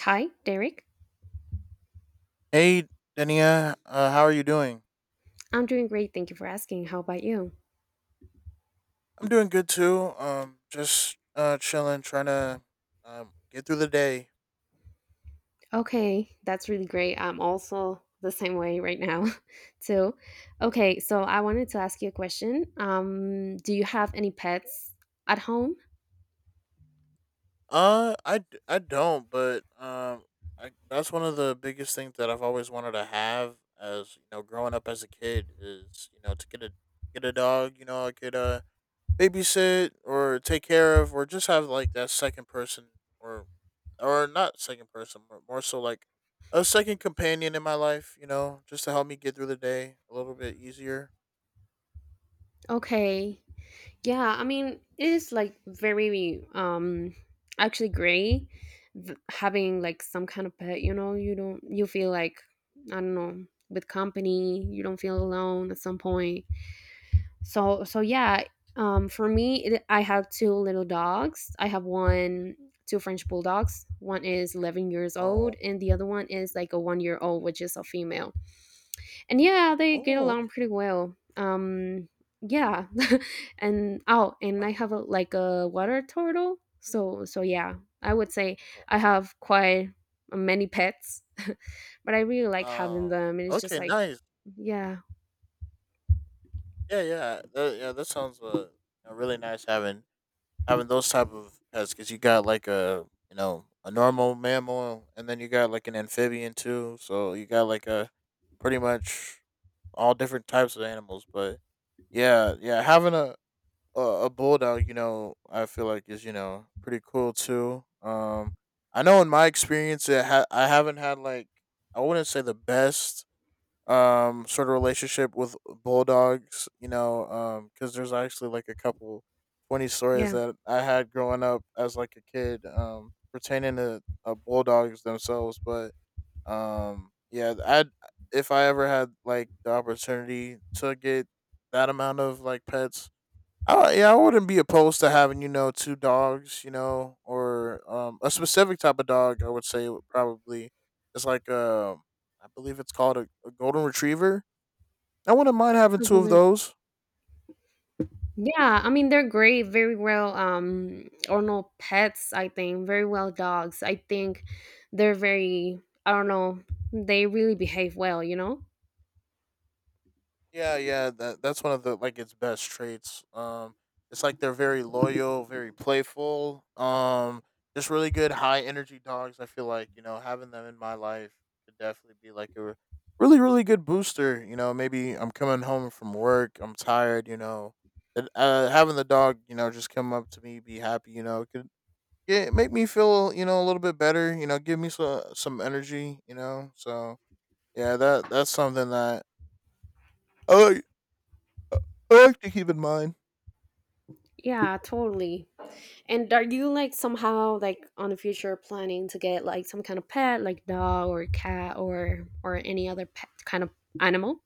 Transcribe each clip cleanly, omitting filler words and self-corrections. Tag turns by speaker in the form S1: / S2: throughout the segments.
S1: Hi, Derek.
S2: Hey, Dania, how are you doing?
S1: I'm doing great. Thank you for asking. How about you?
S2: I'm doing good too. Just chilling, trying to get through the day.
S1: Okay, that's really great. I'm also the same way right now, too. Okay, so I wanted to ask you a question. Do you have any pets at home?
S2: I don't, but that's one of the biggest things that I've always wanted to have as you know, growing up as a kid is you know to get a dog. You know, I could babysit or take care of or just have like that second person or not second person but more so like a second companion in my life you know just to help me get through the day a little bit easier.
S1: Okay. Yeah, I mean, it is like very actually great having like some kind of pet, you know, you don't you feel like, I don't know, with company, you don't feel alone at some point, so yeah. For me, I have two little dogs. I have one two french bulldogs. One is 11 years
S2: Oh.
S1: old and the other one is like a 1-year old, which is a female. And yeah, they get
S2: Oh,
S1: along
S2: okay.
S1: pretty well, yeah. and oh and
S2: Oh,
S1: I have like a water turtle, so yeah. I would say
S2: oh,
S1: I have quite many pets. But I really like having
S2: oh,
S1: them, and it's just
S2: okay,
S1: like,
S2: nice.
S1: yeah,
S2: Yeah, yeah that sounds really nice having having those type of pets because you got like a you know a normal mammal and then you got like an amphibian too so you got like a pretty much all different types of animals. But yeah, having a a bulldog you know I feel like is you know pretty cool too. I know in my experience I haven't had like I wouldn't say the best sort of relationship with bulldogs, you know. Because there's actually like a couple funny stories
S1: yeah.
S2: that I had growing up as like a kid, pertaining to bulldogs themselves. But yeah, I if I ever had like the opportunity to get that amount of like pets, yeah, I wouldn't be opposed to having you know two dogs, you know, or a specific type of dog. I would say would probably it's like I believe it's called a golden retriever. I wouldn't mind having two of those.
S1: Yeah, I mean they're great, very well, or no pets, I think, very well dogs. I think they're very, I don't know, they really behave well, you know?
S2: Yeah, that's one of the like its best traits. It's like they're very loyal, very playful. Just really good high energy dogs. I feel like you know having them in my life could definitely be like a really really good booster. You know, maybe I'm coming home from work, I'm tired. You know, and, having the dog, you know, just come up to me, be happy. You know, could get make me feel you know a little bit better. You know, give me some energy. You know, so yeah, that's something that. Oh. I like to keep in mind.
S1: Yeah, totally. And are you like somehow like on the future planning to get like some kind of pet, like dog or cat, or any other pet kind of animal?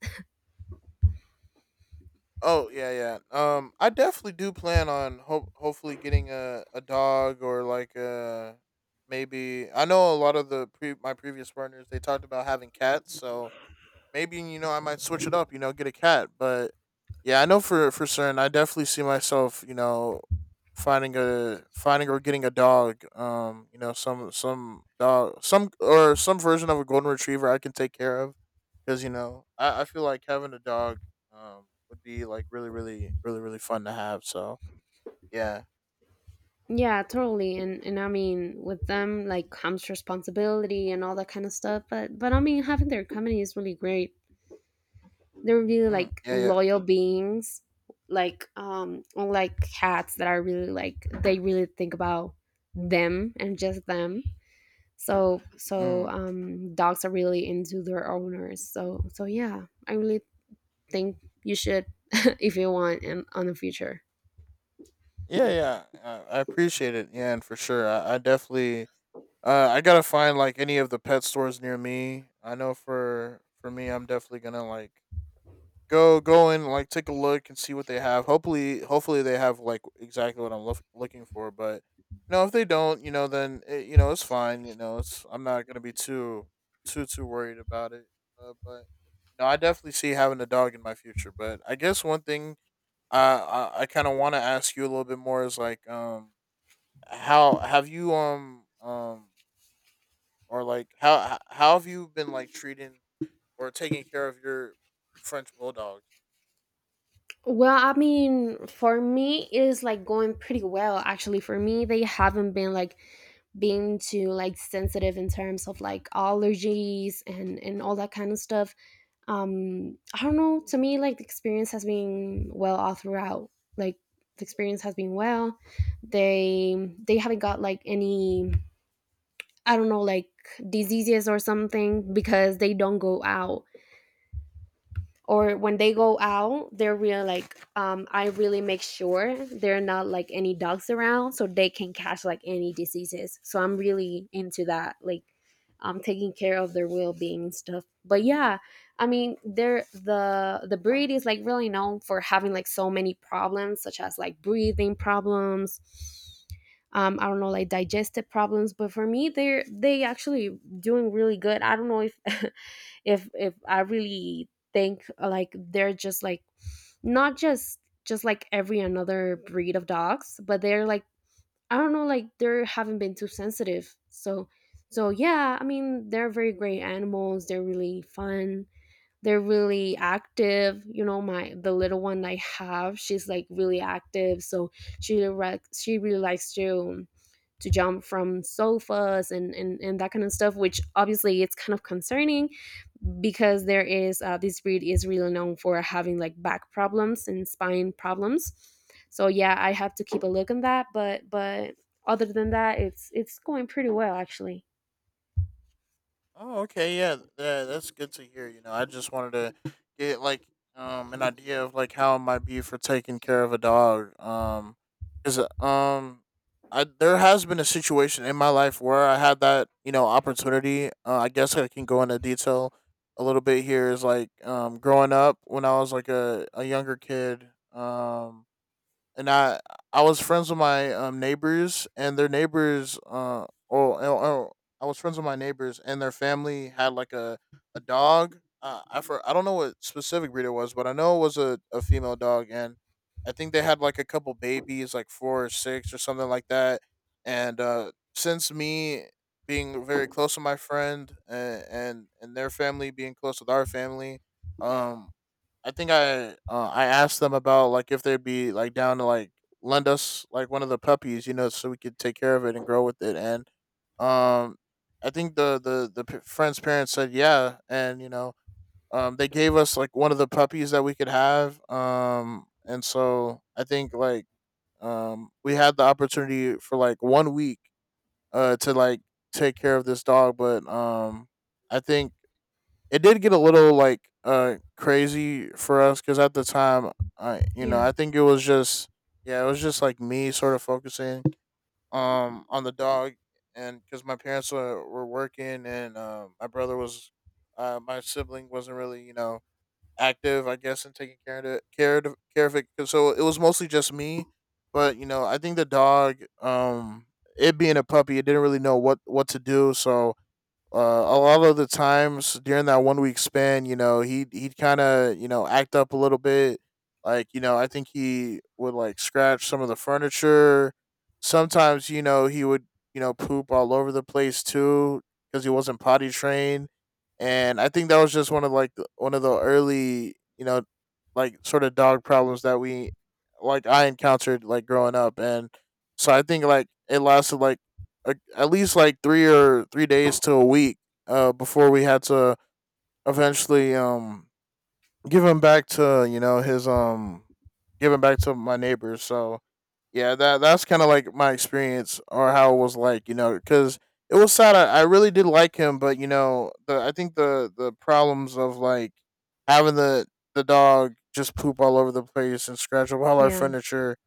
S2: Oh yeah, yeah. I definitely do plan on hopefully getting a dog, or like a maybe. I know a lot of the my previous partners they talked about having cats, so maybe you know I might switch it up. You know, get a cat. But yeah, I know for certain, I definitely see myself. You know, finding a finding or getting a dog. You know, some dog, some or some version of a golden retriever I can take care of. Because you know, I feel like having a dog would be like really really fun to have. So yeah.
S1: Yeah, totally. And I mean, with them like comes responsibility and all that kind of stuff. But I mean, having their company is really great. They're really
S2: Mm,
S1: like
S2: yeah, yeah.
S1: loyal beings, like unlike cats that are really like, they really think about them and just them, so
S2: Mm.
S1: so um dogs are really into their owners, so yeah, I really think you should, if you want, in on the future.
S2: Yeah, yeah, I appreciate it. Yeah, and for sure, I definitely I gotta find like any of the pet stores near me. I know for me, I'm definitely gonna like go and like take a look and see what they have. Hopefully they have like exactly what I'm looking for. But you know, if they don't, you know, then you know it's fine. You know, it's I'm not gonna be too too worried about it. But you know, I definitely see having a dog in my future. But I guess one thing I I kind of want to ask you a little bit more is like how have you or like how how have you been like treating or taking care of your French bulldogs?
S1: Well, I mean, for me it is like going pretty well actually. For me, they haven't been like being too like sensitive in terms of like allergies and all that kind of stuff. I don't know, to me like the experience has been well all throughout, like the experience has been well. they they haven't got like any, I don't know, like, diseases or something, because they don't go out, or when they go out they're really like, I really make sure there are not like any dogs around so they can catch like any diseases, so I'm really into that, like, taking care of their well-being and stuff. But yeah, I mean, they're, the breed is like really known for having like so many problems, such as like breathing problems, I don't know, like digestive problems. But for me, they're, they actually doing really good. I don't know if if I really think, like they're just like, not just like every another breed of dogs, but they're like, I don't know, like they haven't been too sensitive, so so yeah. I mean, they're very great animals. They're really fun. They're really active, you know. My, the little one I have, she's like really active, so she really likes to jump from sofas, and that kind of stuff, which obviously it's kind of concerning, because there is this breed is really known for having like back problems and spine problems. So yeah, I have to keep a look on that. But other than that, it's going pretty well actually.
S2: Oh, okay, yeah, yeah, that's good to hear. You know, I just wanted to get like an idea of like how it might be for taking care of a dog. Because I there has been a situation in my life where I had that you know opportunity. I guess I can go into detail a little bit here. Is like growing up when I was like a younger kid. And I was friends with my neighbors and their neighbors. Or I was friends with my neighbors and their family had like a dog. I for I don't know what specific breed it was, but I know it was a female dog, and I think they had like a couple babies, like four or six or something like that. And since me being very close to my friend and their family being close with our family, um I think I asked them about like if they'd be like down to like lend us like one of the puppies, you know, so we could take care of it and grow with it. And um, I think friend's parents said yeah, and you know, they gave us like one of the puppies that we could have. And so I think like we had the opportunity for like 1 week to like take care of this dog. But I think it did get a little like crazy for us because at the time I you know
S1: Yeah.
S2: I think it was just yeah it was just like me sort of focusing on the dog. And because my parents were working, and my brother was my sibling wasn't really you know active I guess in taking care of it. 'Cause so it was mostly just me. But you know I think the dog, it being a puppy, it didn't really know what to do. So a lot of the times during that 1 week span, you know, he'd kind of you know act up a little bit. Like you know, I think he would like scratch some of the furniture. Sometimes you know he would you know poop all over the place too because he wasn't potty trained, and I think that was just one of like one of the early you know like sort of dog problems that we like I encountered like growing up. And so I think like it lasted like at least like 3 or 3 days to a week, before we had to eventually give him back to you know his give him back to my neighbors. So yeah, that's kind of like my experience or how it was like you know because it was sad. I really did like him, but you know the I think the problems of like having the dog just poop all over the place and scratch up all our
S1: Yeah.
S2: furniture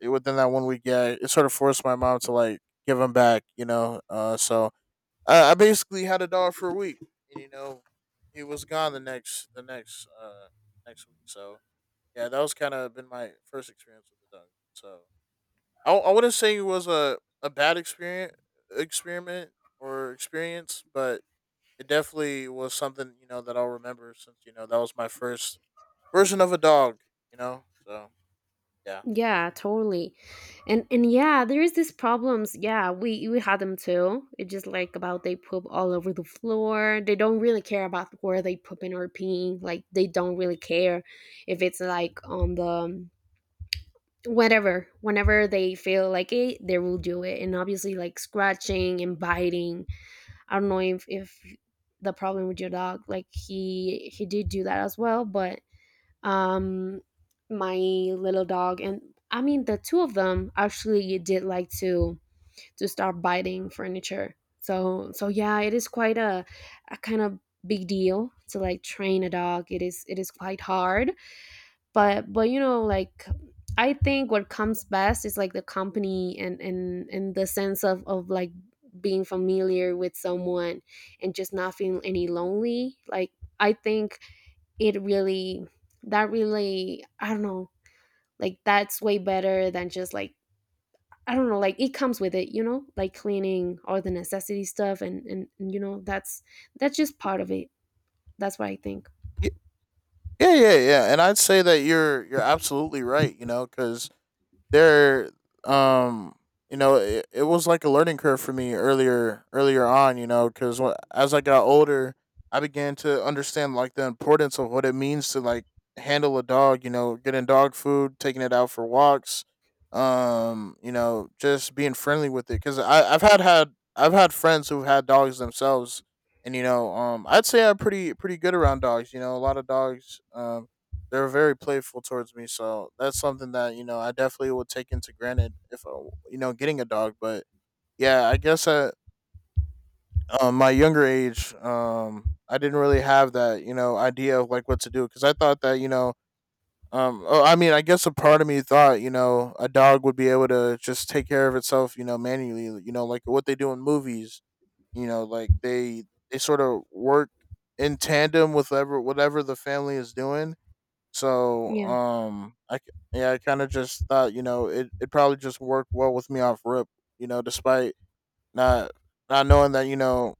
S2: within that 1 week. Yeah, it sort of forced my mom to like give him back. You know, I basically had a dog for a week, and you know, he was gone the next next week. So yeah, that was kind of been my first experience with the dog. So I wouldn't say it was a bad experience experiment or experience, but it definitely was something you know that I'll remember since you know that was my first version of a dog. You know, so yeah.
S1: Yeah, totally. And yeah, there is these problems. Yeah, we had them too. It's just like about, they poop all over the floor. They don't really care about where they pooping or peeing. Like, they don't really care if it's like on the whatever, whenever they feel like it they will do it. And obviously like scratching and biting, I don't know if the problem with your dog, like he did do that as well, but um my little dog, and I mean the two of them actually did like to start biting furniture, so so yeah, it is quite a kind of big deal to like train a dog. It is quite hard. But you know, like, I think what comes best is like the company, and the sense of like being familiar with someone, and just not feeling any lonely, like. I think it really, that really, I don't know, like that's way better than just like, I don't know, like it comes with it, you know, like cleaning all the necessity stuff, and you know, that's just part of it. That's what I think.
S2: Y- Yeah, and I'd say that you're absolutely right. You know, because there um you know it was like a learning curve for me earlier on you know because as I got older I began to understand like the importance of what it means to like handle a dog, you know, getting dog food, taking it out for walks. You know just being friendly with it because I've had friends who've had dogs themselves. And you know I'd say I'm pretty good around dogs. You know, a lot of dogs, they were very playful towards me. So that's something that you know I definitely would take into granted if you know getting a dog. But yeah, I guess at my younger age, I didn't really have that you know idea of like what to do because I thought that you know. I guess a part of me thought, you know, a dog would be able to just take care of itself, you know, manually, you know, like what they do in movies, you know, like they sort of work in tandem with whatever the family is doing, so,
S1: Yeah,
S2: yeah, I kind of just thought you know it probably just worked well with me off rip. You know, despite not not knowing that you know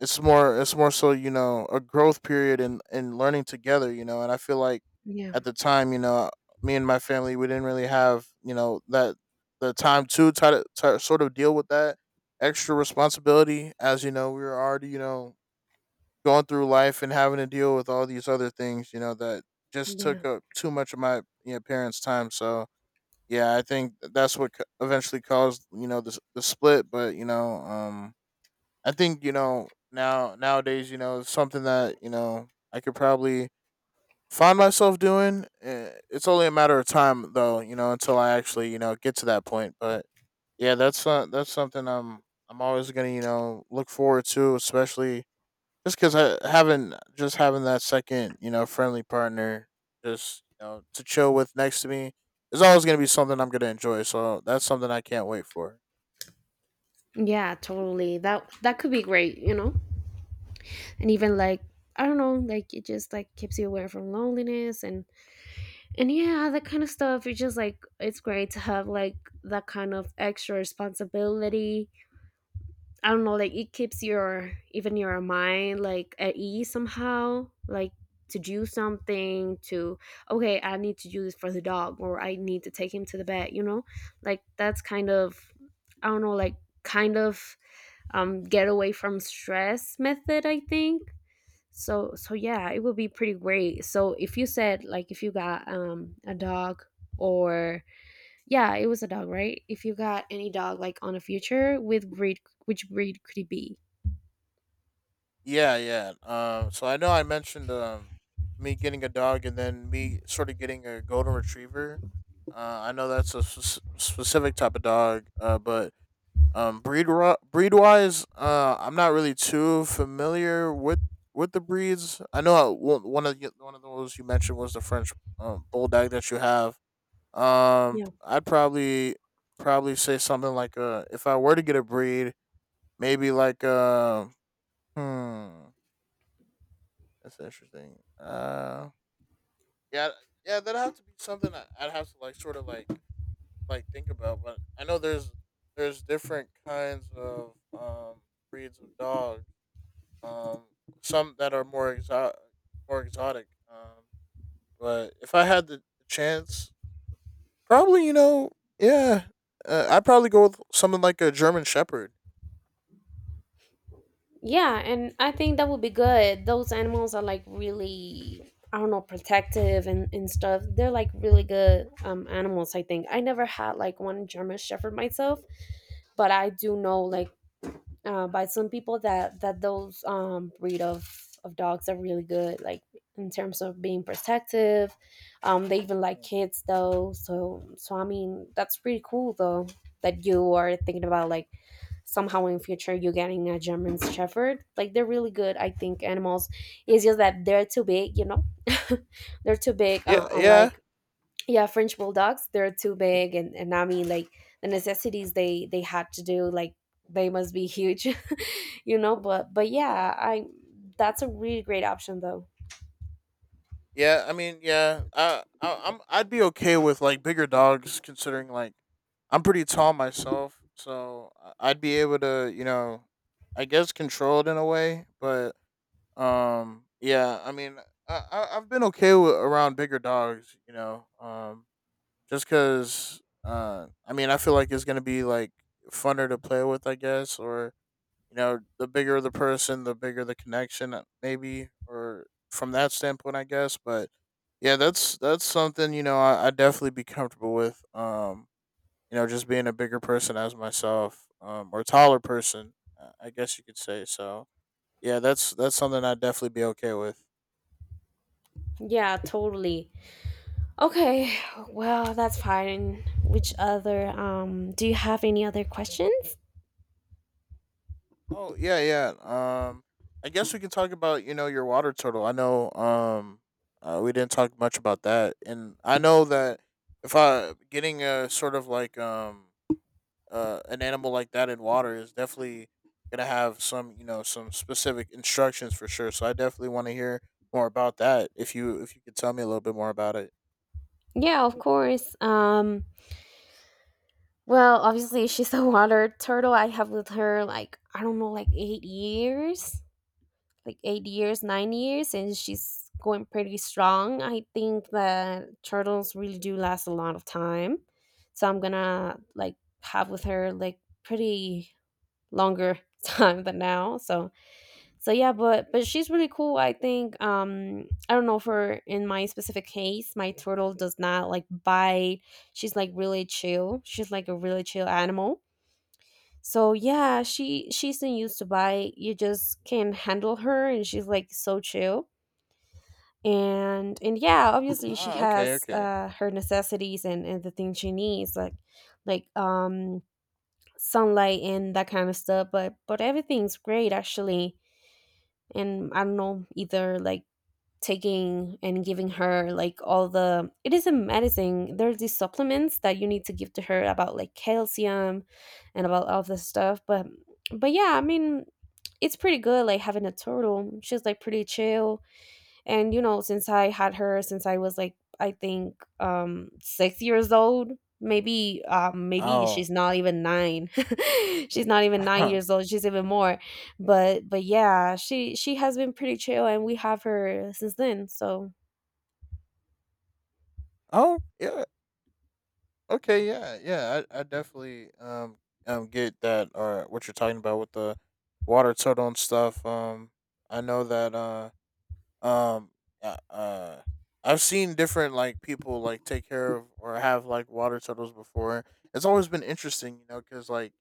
S2: it's more so you know a growth period and learning together. You know, and I feel like
S1: yeah,
S2: at the time you know me and my family we didn't really have you know that the time to try to sort of deal with that extra responsibility as you know we were already you know going through life and having to deal with all these other things, you know, that just
S1: yeah,
S2: took up too much of my you know, parents' time. So yeah, I think that's what eventually caused you know the the split. But you know, I think you know now nowadays you know it's something that you know I could probably find myself doing. Eh, it's only a matter of time though, you know, until I actually you know get to that point. But yeah, that's something I'm always gonna you know look forward to, especially just because I having just having that second, you know, friendly partner, just you know, to chill with next to me is always going to be something I'm going to enjoy. So that's something I can't wait for.
S1: yeah, totally. That that could be great, you know. And even like, I don't know, like it just like keeps you away from loneliness and yeah, that kind of stuff. It's just like, it's great to have like that kind of extra responsibility. I don't know, like it keeps your, even your mind, like at ease somehow, like to do something to, okay, I need to do this for the dog, or I need to take him to the vet, you know? Like, that's kind of, I don't know, like kind of get away from stress method, I think. So so yeah, it would be pretty great. So if you said like, if you got a dog, or yeah, it was a dog, right? If you got any dog like on a future with breed, which breed could it be?
S2: Yeah, yeah. So I know I mentioned me getting a dog and then me sort of getting a golden retriever. I know that's a specific type of dog. But Um, breed breed wise, I'm not really too familiar with the breeds. I know one of those you mentioned was the French bulldog that you have.
S1: Yeah.
S2: I'd probably say something like if I were to get a breed, maybe like hmm, that's interesting. Yeah, yeah, that'd have to be something I'd have to like sort of like think about. But I know there's different kinds of breeds of dogs um, some that are more exotic, more exotic. But if I had the chance, probably you know, yeah, I'd probably go with something like a German Shepherd.
S1: Yeah, and I think that would be good. Those animals are like really, I don't know, protective and stuff. They're like really good animals, I think. I never had like one German Shepherd myself, but I do know like, by some people that those breed of dogs are really good, like in terms of being protective. They even like
S2: Mm.
S1: kids though, so so I mean that's pretty cool though, that you are thinking about like somehow in future you getting a German Shepherd. Like they're really good, I think, animals. It's just that they're too big, you know. They're too big,
S2: Yeah, yeah,
S1: unlike, yeah french bulldogs, they're too big, and I mean, like the necessities, they had to do, like, they must be huge. You know, but
S2: yeah.
S1: yeah, I, that's a really great option though.
S2: Yeah, I mean, yeah, I'd be okay with like bigger dogs, considering like I'm pretty tall myself, so I'd be able to, you know, I guess control it in a way, but yeah, I mean, I've been okay with, around bigger dogs, you know. Just because, I mean, I feel like it's gonna be like funner to play with, I guess, or you know, the bigger the person, the bigger the connection, maybe, or from that standpoint, I guess. But yeah, that's something you know I definitely be comfortable with. You know, just being a bigger person as myself, or taller person, I guess you could say. So yeah, that's something I'd definitely be okay with.
S1: Yeah, totally. Okay, well that's fine, which other, do you have any other questions?
S2: Oh yeah, yeah. Um, I guess we can talk about you know your water turtle. I know. We didn't talk much about that, and I know that if I getting a sort of like an animal like that in water is definitely gonna have some you know some specific instructions for sure. So I definitely want to hear more about that. If you could tell me a little bit more about it.
S1: Yeah, of course, well obviously she's a water turtle. I have with her like, I don't know, like 8 years, like 8 years, 9 years, and she's going pretty strong. I think that turtles really do last a lot of time. So I'm gonna like have with her like pretty longer time than now. So so yeah, but she's really cool. I think I don't know, for in my specific case, my turtle does not like bite. She's like really chill. She's like a really chill animal. So yeah, she, she's not used to buy, you just can handle her and she's like so chill. And yeah, obviously she
S2: Ah, okay,
S1: has,
S2: okay.
S1: uh, her necessities, and the things she needs, like sunlight and that kind of stuff, but everything's great actually. And I don't know either, like, taking and giving her like all the, it is a medicine, there's these supplements that you need to give to her, about like calcium, and about all this stuff. But yeah, I mean, it's pretty good like having a turtle. She's like pretty chill. And you know, since I had her since I was like, I think, 6 years old, maybe, maybe
S2: Oh,
S1: she's not even nine. She's not even 9 years old, she's even more. But yeah, she has been pretty chill, and we have her since then, so
S2: oh, yeah. Okay, yeah, yeah, I definitely get that or what you're talking about with the water turtle and stuff. I know that um uh uh, I've seen different like people like take care of or have like water turtles before. It's always been interesting, you know, because like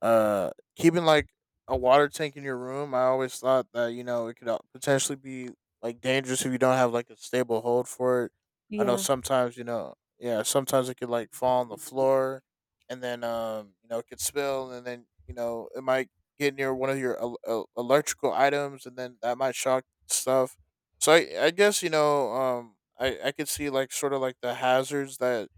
S2: uh, keeping like a water tank in your room, I always thought that you know it could potentially be like dangerous if you don't have like a stable hold for it. I know
S1: yeah.
S2: sometimes you know, yeah, sometimes it could like fall on the floor, and then you know, it could spill, and then you know, it might get near one of your electrical items, and then that might shock stuff. So I guess you know, I could see like sort of like the hazards that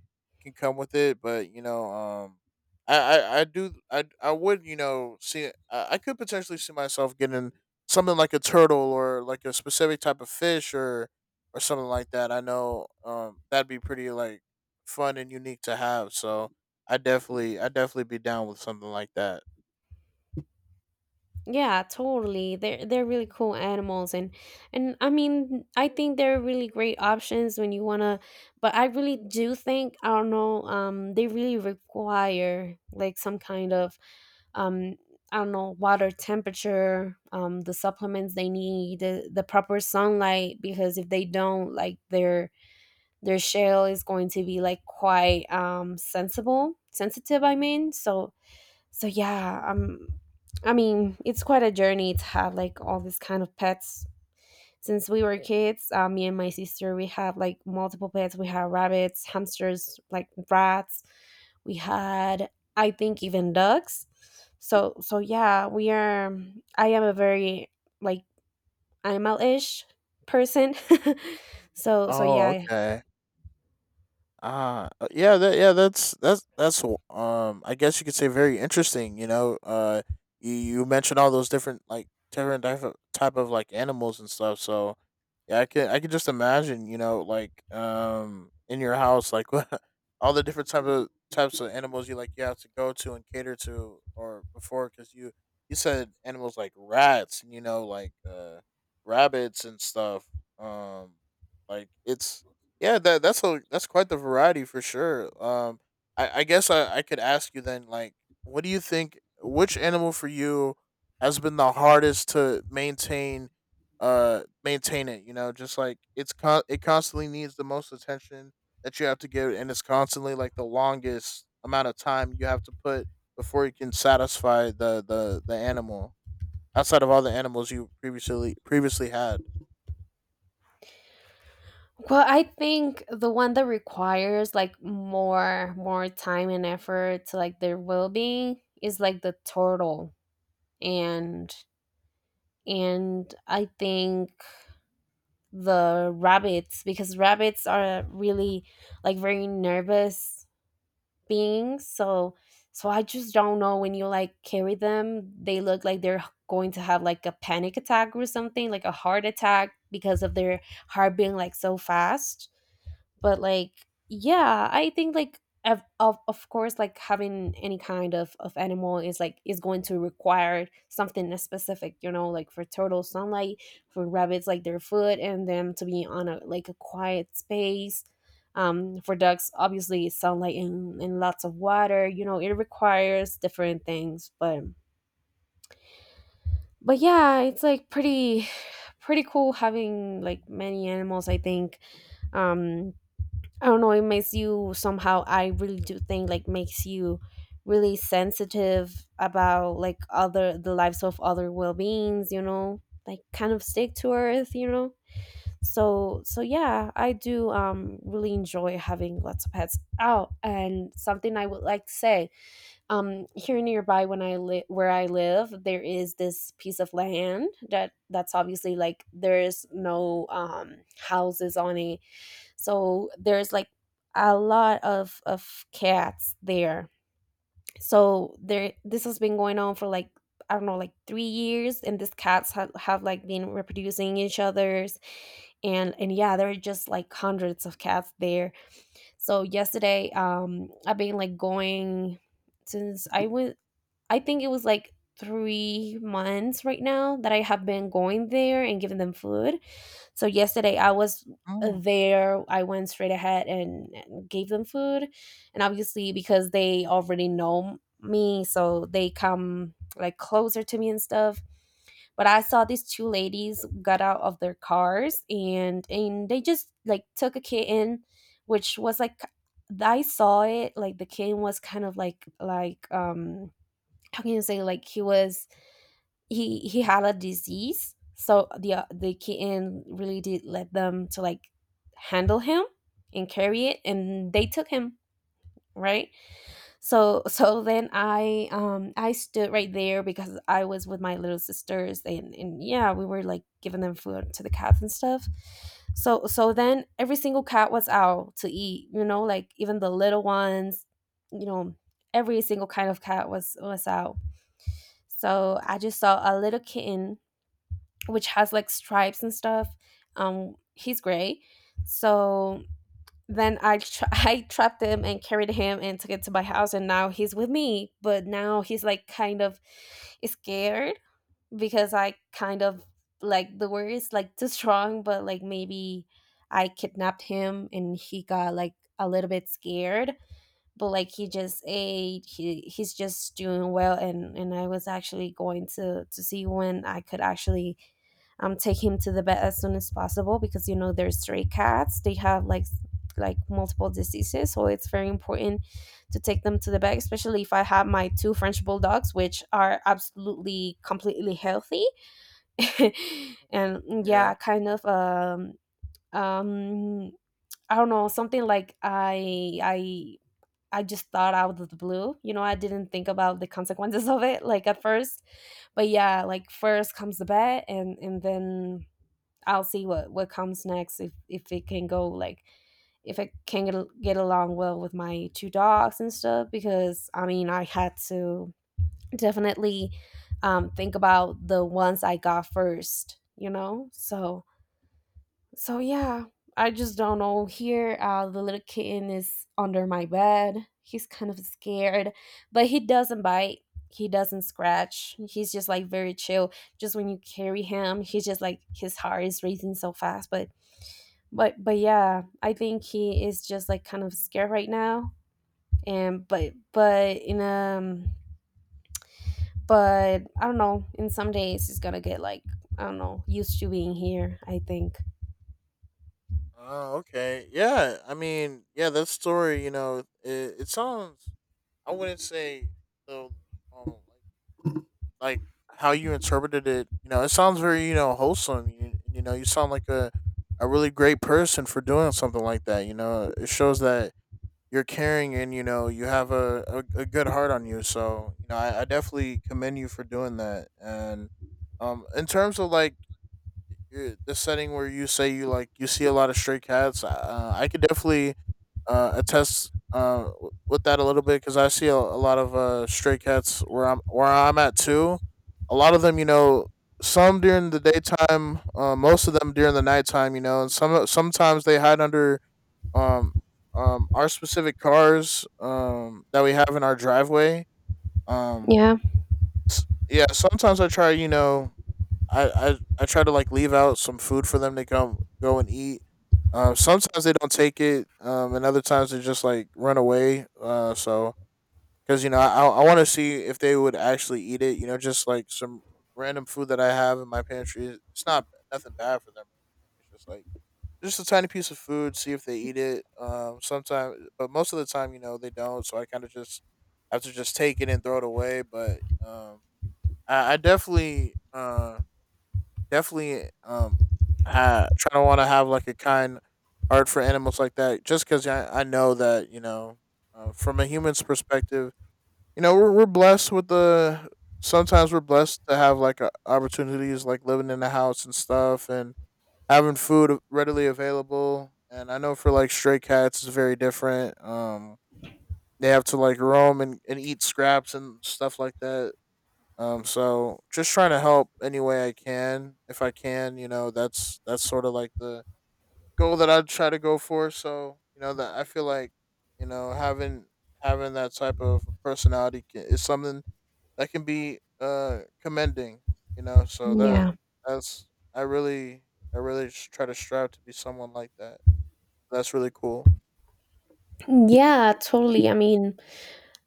S2: can come with it, but you know, I would you know see I could potentially see myself getting something like a turtle or like a specific type of fish or something like that. I know that'd be pretty like fun and unique to have. So I definitely be down with something like that.
S1: Yeah, totally. They're really cool animals, and I mean I think they're really great options when you wanna. But I really do think, I don't know, they really require like some kind of um I don't know, water temperature, the supplements they need, the proper sunlight, because if they don't like their shell is going to be like quite sensible, sensitive, I mean. So so yeah, I mean it's quite a journey to have like all this kind of pets. Since we were kids, me and my sister, we have like multiple pets. We had rabbits, hamsters, like rats, we had, I think, even ducks. So so yeah, we are, I am a very, like, animal-ish person. So so
S2: Oh
S1: yeah.
S2: okay. Yeah, that yeah, that's I guess you could say very interesting. You know, you you mentioned all those different like different type of like animals and stuff. So yeah, I can just imagine. You know, like in your house, like all the different types of animals you have to go to and cater to or before because you said animals like rats and you know like rabbits and stuff. Um, like it's yeah, that's a that's quite the variety for sure. I guess I could ask you then, like, what do you think? Which animal for you has been the hardest to maintain? Maintain it. You know, just like it constantly needs the most attention that you have to give, and it's constantly like the longest amount of time you have to put before you can satisfy the the animal outside of all the animals you previously had.
S1: Well, I think the one that requires like more time and effort to like their well being is like the turtle, and and I think the rabbits, because rabbits are really like very nervous beings. So I just don't know, when you like carry them, they look like they're going to have like a panic attack or something, like a heart attack because of their heart being like so fast, but like yeah, I think like of course, like having any kind of animal is like is going to require something specific, you know, like for turtles sunlight, for rabbits like their food and them to be on a like a quiet space. For ducks obviously sunlight and lots of water, you know, it requires different things. But yeah, it's like pretty pretty cool having like many animals, I think. um I don't know, it makes you somehow, I really do think like makes you really sensitive about like other, the lives of other well beings, you know, like kind of stick to earth, you know? So yeah, I do really enjoy having lots of pets. Oh, and something I would like to say, here nearby when I live, where I live, there is this piece of land that's obviously like there's no houses on it, so there's like a lot of cats there. So there, this has been going on for like, I don't know, like 3 years, and these cats have like been reproducing each other's, and yeah, there are just like hundreds of cats there. So yesterday I've been like going since I went, I think it was like 3 months right now, that I have been going there and giving them food. So yesterday I was
S2: Oh.
S1: there. I went straight ahead and gave them food, and obviously because they already know me, so they come like closer to me and stuff. But I saw these two ladies got out of their cars, and they just like took a kitten, which was like, I saw it, like the kitten was kind of like like how can you say, like he was, he had a disease, so the kitten really did let them to like handle him and carry it, and they took him, right? So so then I stood right there because I was with my little sisters, and yeah, we were like giving them food to the cats and stuff. So then every single cat was out to eat, you know, like even the little ones, you know, every single kind of cat was out. So I just saw a little kitten, which has like stripes and stuff, he's gray. So then I trapped him and carried him and took it to my house, and now he's with me, but now he's like kind of scared, because I kind of, like the word is like too strong, but like maybe I kidnapped him and he got like a little bit scared. But like he just ate, he's just doing well, and I was actually going to see when I could actually take him to the vet as soon as possible, because you know they're stray cats, they have like like multiple diseases, so it's very important to take them to the vet, especially if I have my two french bulldogs, which are absolutely completely healthy. And
S2: Yeah.
S1: yeah, kind of um I don't know, something like I just thought out of the blue. You know, I didn't think about the consequences of it like at first. But yeah, like first comes the bet, and then I'll see what comes next, if it can go like, if I can get, get along well with my two dogs and stuff, because I mean, I had to definitely think about the ones I got first, you know. So yeah, I just don't know. Here, the little kitten is under my bed. He's kind of scared, but he doesn't bite. He doesn't scratch. He's just like very chill. Just when you carry him, he's just like his heart is racing so fast. But yeah, I think he is just like kind of scared right now. And but in but I don't know, in some days, he's gonna get like, I don't know, used to being here, I think.
S2: Oh, okay. Yeah, I mean, yeah, that story, you know, it sounds. I wouldn't say so. Um, like how you interpreted it, you know, it sounds very, you know, wholesome. You know, you sound like a really great person for doing something like that. You know, it shows that you're caring and you know you have a good heart on you. So, you know, I definitely commend you for doing that. And in terms of like your the setting where you say you see a lot of stray cats. I could definitely attest with that a little bit because I see a lot of stray cats where I'm at too. A lot of them, you know, some during the daytime, most of them during the nighttime, you know, and sometimes they hide under um our specific cars that we have in our driveway. Um,
S1: Yeah.
S2: yeah, sometimes I try, you know, I try to like leave out some food for them to come go and eat. Sometimes they don't take it, and other times they just like run away. So because you know I want to see if they would actually eat it. You know, just like some random food that I have in my pantry. It's not nothing bad for them. It's just like just a tiny piece of food. See if they eat it. Sometimes, but most of the time, you know, they don't. So I kind of just have to just take it and throw it away. But I definitely definitely trying to want to have like a kind heart for animals like that just because I know that you know from a human's perspective you know we're blessed with the sometimes we're blessed to have like opportunities like living in a house and stuff and having food readily available, and I know for like stray cats it's very different. They have to like roam and, eat scraps and stuff like that. So just trying to help any way I can, if I can, you know, that's sort of like the goal that I try to go for. So you know that I feel like you know having that type of personality ca is something that can be commending. You know, so that
S1: Yeah.
S2: that's I really I really try to strive to be someone like that. That's really cool.
S1: Yeah, totally. I mean,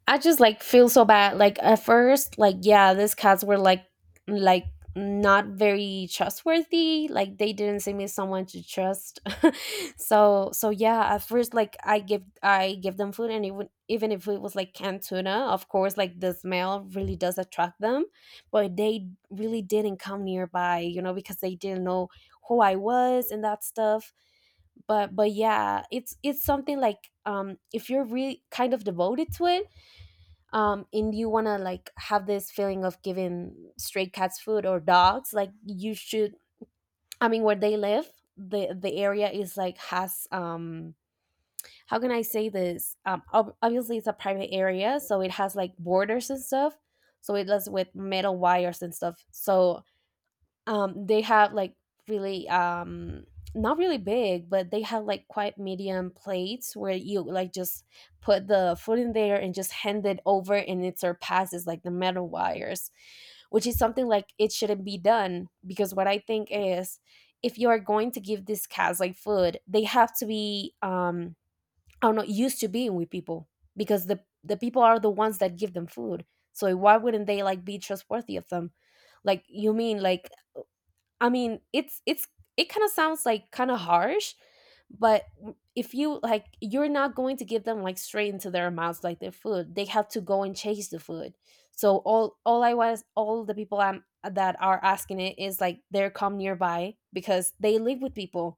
S1: I just like feel so bad. Like at first, like yeah, these cats were like not very trustworthy. Like they didn't seem as someone to trust. So yeah, at first like I give them food, and even if it was like canned tuna, of course like the smell really does attract them, but they really didn't come nearby, you know, because they didn't know who I was and that stuff. But yeah, it's something like, if you're really kind of devoted to it, and you want to like have this feeling of giving stray cats food or dogs, like you should. I mean, where they live, the area is like has how can I say this, obviously it's a private area, so it has like borders and stuff, so it does with metal wires and stuff. So they have like really not really big, but they have like quite medium plates where you like just put the food in there and just hand it over, and it surpasses like the metal wires, which is something like it shouldn't be done. Because what I think is, if you are going to give these cats like food, they have to be, I don't know, used to being with people, because the people are the ones that give them food, so why wouldn't they like be trustworthy of them? Like you mean like, I mean, it's it kind of sounds like kind of harsh, but if you like, you're not going to give them like straight into their mouths like their food. They have to go and chase the food. So all the people I'm that are asking it is, like they're come nearby because they live with people.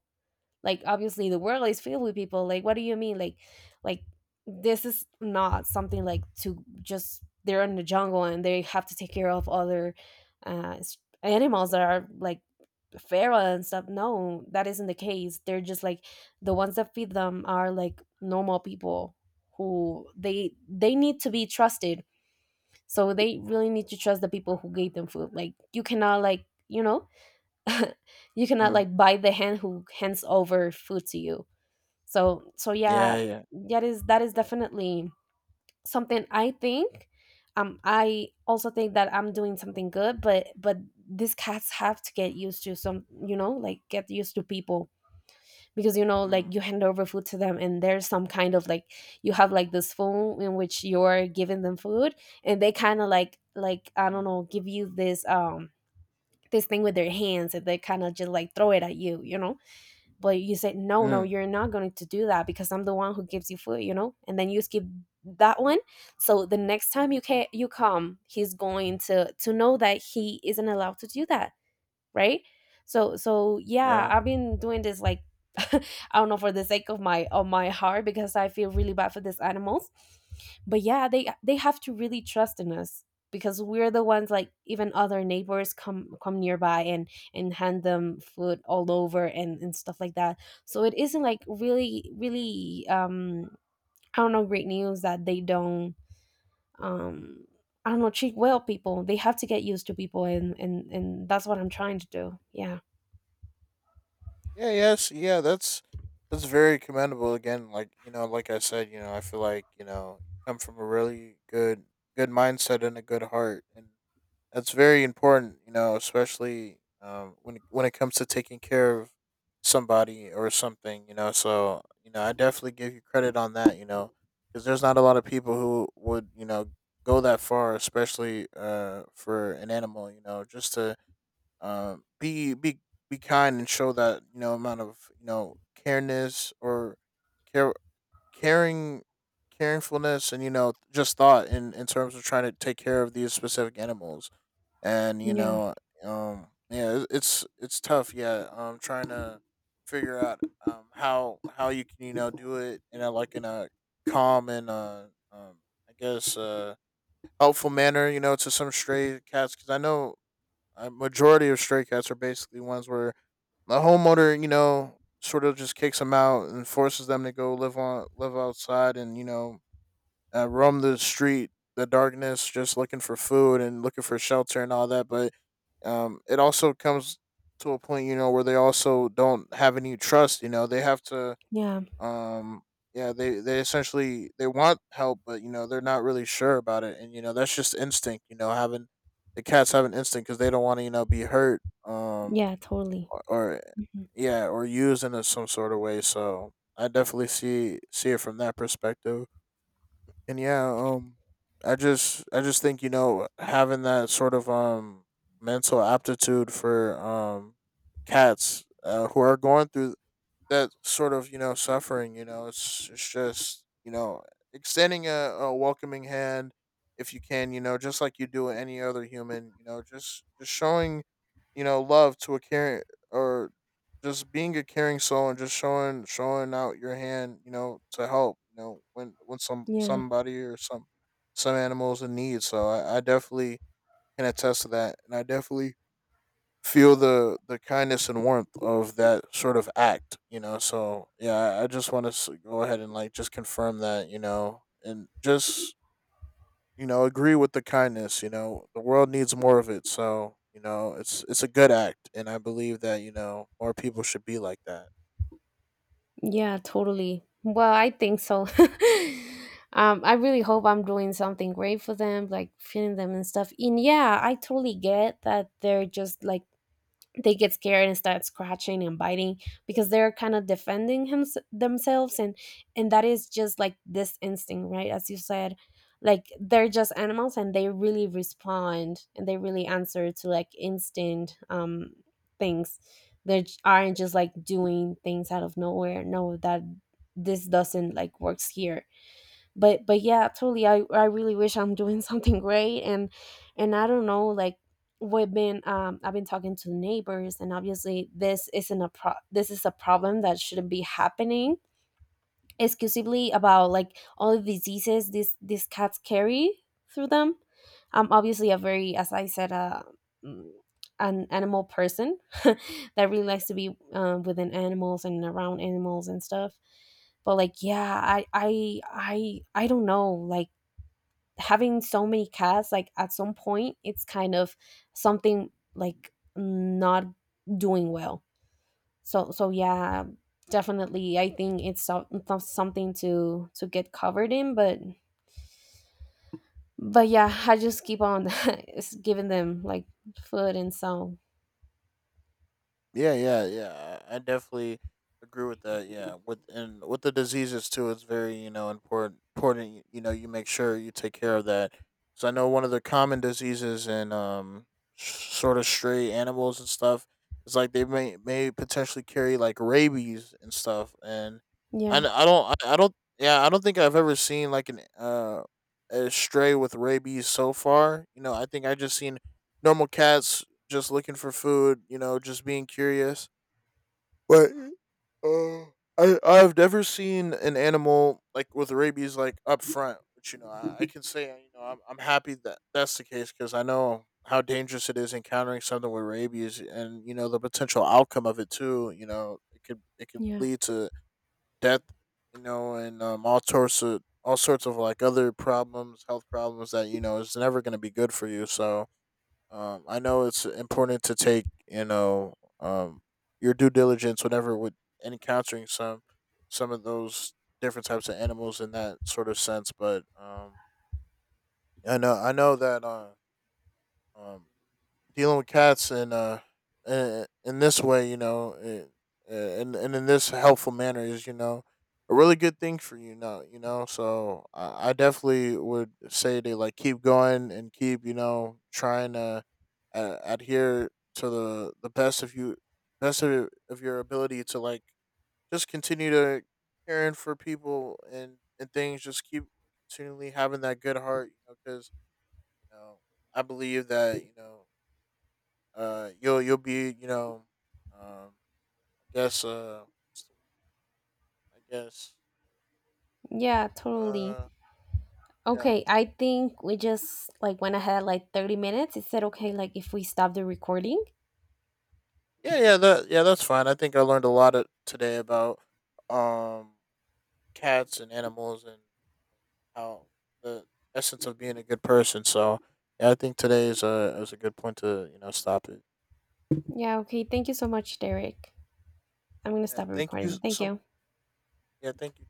S1: Like obviously the world is filled with people. Like what do you mean? Like this is not something like to just, they're in the jungle and they have to take care of other uh, s- animals that are like feral and stuff. No, that isn't the case. They're just like, the ones that feed them are like normal people, who they need to be trusted. So they really need to trust the people who gave them food. Like you cannot, like, you know, you cannot
S2: Mm.
S1: like buy the hand who hands over food to you. So
S2: Yeah,
S1: yeah,
S2: yeah.
S1: that is, that is definitely something, I think. I also think that I'm doing something good, but these cats have to get used to some, you know, like get used to people. Because you know,
S2: Mm.
S1: like you hand over food to them, and there's some kind of like, you have like this phone in which you're giving them food, and they kind of like, I don't
S2: Mm.
S1: know, give you this this thing with their hands, and they kind of just like throw it at you, you know. But you said no, no,
S2: Mm.
S1: you're not going to do that because I'm the one who gives you food, you know, and then you skip that one. So the next time you can, you come, he's going to know that he isn't allowed to do that, right? So yeah,
S2: Yeah.
S1: I've been doing this like I don't know, for the sake of my heart, because I feel really bad for these animals. But yeah, they have to really trust in us, because we're the ones, like even other neighbors come nearby and hand them food all over and stuff like that. So it isn't like really I don't know, great news that they don't, um I don't know, treat well people. They have to get used to people, and and that's what I'm trying to do. Yeah.
S2: Yeah, yes. Yeah, that's very commendable again. Like, you know, like I said, you know, I feel like, you know, you come from a really good mindset and a good heart and that's very important, you know, especially when when it comes to taking care of somebody or something, you know. So, you know, I definitely give you credit on that, you know, cuz there's not a lot of people who would, you know, go that far, especially for an animal, you know, just to Um, be be be kind and show that you know amount of you know careness or care caring caringfulness and you know just thought in terms of trying to take care of these specific animals and you
S1: Yeah,
S2: know yeah, it's tough, yeah, trying to figure out how you can you know do it in a, like, in a calm and um I guess helpful manner, you know, to some stray cats. Because I know a majority of stray cats are basically ones where the homeowner, you know, sort of just kicks them out and forces them to go live outside, and you know roam the street, the darkness, just looking for food and looking for shelter and all that. But it also comes to a point, you know, where they also don't have any trust. You know, they have to
S1: yeah,
S2: um yeah, they essentially they want help, but you know they're not really sure about it, and you know that's just instinct, you know, having the cats have an instinct because they don't want to you know be hurt,
S1: yeah, totally.
S2: or
S1: Mhm.
S2: yeah, or used in a, some sort of way. So I definitely see it from that perspective. And yeah, I just think you know having that sort of mental aptitude for cats who are going through that sort of you know suffering, you know it's just you know extending a welcoming hand if you can, you know, just like you do with any other human, you know, just showing you know love to a caring or just being a caring soul and just showing out your hand, you know, to help, you know, when when
S1: Yeah,
S2: somebody or some animals in need. So I definitely can attest to that, and I definitely feel the kindness and warmth of that sort of act, you know. So yeah, I just want to go ahead and, like, just confirm that you know and just you know agree with the kindness. You know the world needs more of it, so you know it's a good act, and I believe that you know more people should be like that.
S1: yeah, totally. Well, I think so. I really hope I'm doing something great for them, like feeding them and stuff. And yeah, I totally get that they're just like, they get scared and start scratching and biting, because they're kind of defending him, themselves, and that is just like this instinct, right, as you said. Like they're just animals and they really respond and they really answer to like instinct things. They aren't just like doing things out of nowhere, no, that this doesn't like works here. But yeah, totally. I really wish I'm doing something great. And I don't know like, we've been I've been talking to neighbors, and obviously this isn't a pro this is a problem that shouldn't be happening, exclusively about like all the diseases these cats carry through them. I'm obviously a very, as I said, mm, an animal person that really likes to be within animals and around animals and stuff. But like yeah, I don't know like, having so many cats, like at some point it's kind of something like not doing well. So yeah, definitely I think it's so, it's something to get covered in. But yeah, I just keep on giving them like food and so.
S2: Yeah, yeah, yeah. I definitely agree with that. Yeah, with the diseases too, it's very you know important. Important, you know, you make sure you take care of that. So I know one of the common diseases in s- sort of stray animals and stuff is like they may potentially carry like rabies and stuff. And
S1: Yeah,
S2: I don't, yeah, I don't think I've ever seen like an a stray with rabies so far. You know, I think I just seen normal cats just looking for food, you know, just being curious. But uh, I've never seen an animal like with rabies like up front, which you know I can say you know I'm happy that that's the case, because I know how dangerous it is encountering something with rabies and you know the potential outcome of it too. You know it could
S1: yeah,
S2: lead to death, you know, and all sorts of like other problems, health problems that you know is never going to be good for you. So I know it's important to take you know um, your due diligence whenever with encountering some of those different types of animals in that sort of sense. But I know that um, dealing with cats and in this way, you know, it, and in this helpful manner is you know a really good thing for you now, you know. So I definitely would say to like keep going and keep you know trying to adhere to the best of you best of your ability to like just continue to caring for people and things. Just keep continually having that good heart, you know, because you know I believe that you know you'll be, you know, um, I guess what's the- I guess
S1: yeah, totally.
S2: uh, yeah,
S1: Okay, I think we just like went ahead like 30 minutes, it said okay, like if we stop the recording.
S2: yeah, yeah, that yeah, that's fine. I think I learned a lot of, today, about um cats and animals and how the essence of being a good person. So yeah, I think today is a good point to you know stop it.
S1: Yeah, okay, thank you so much, Derek. I'm gonna
S2: Yeah,
S1: stop the
S2: thank you
S1: recording, thank
S2: some.
S1: you.
S2: Yeah, thank you.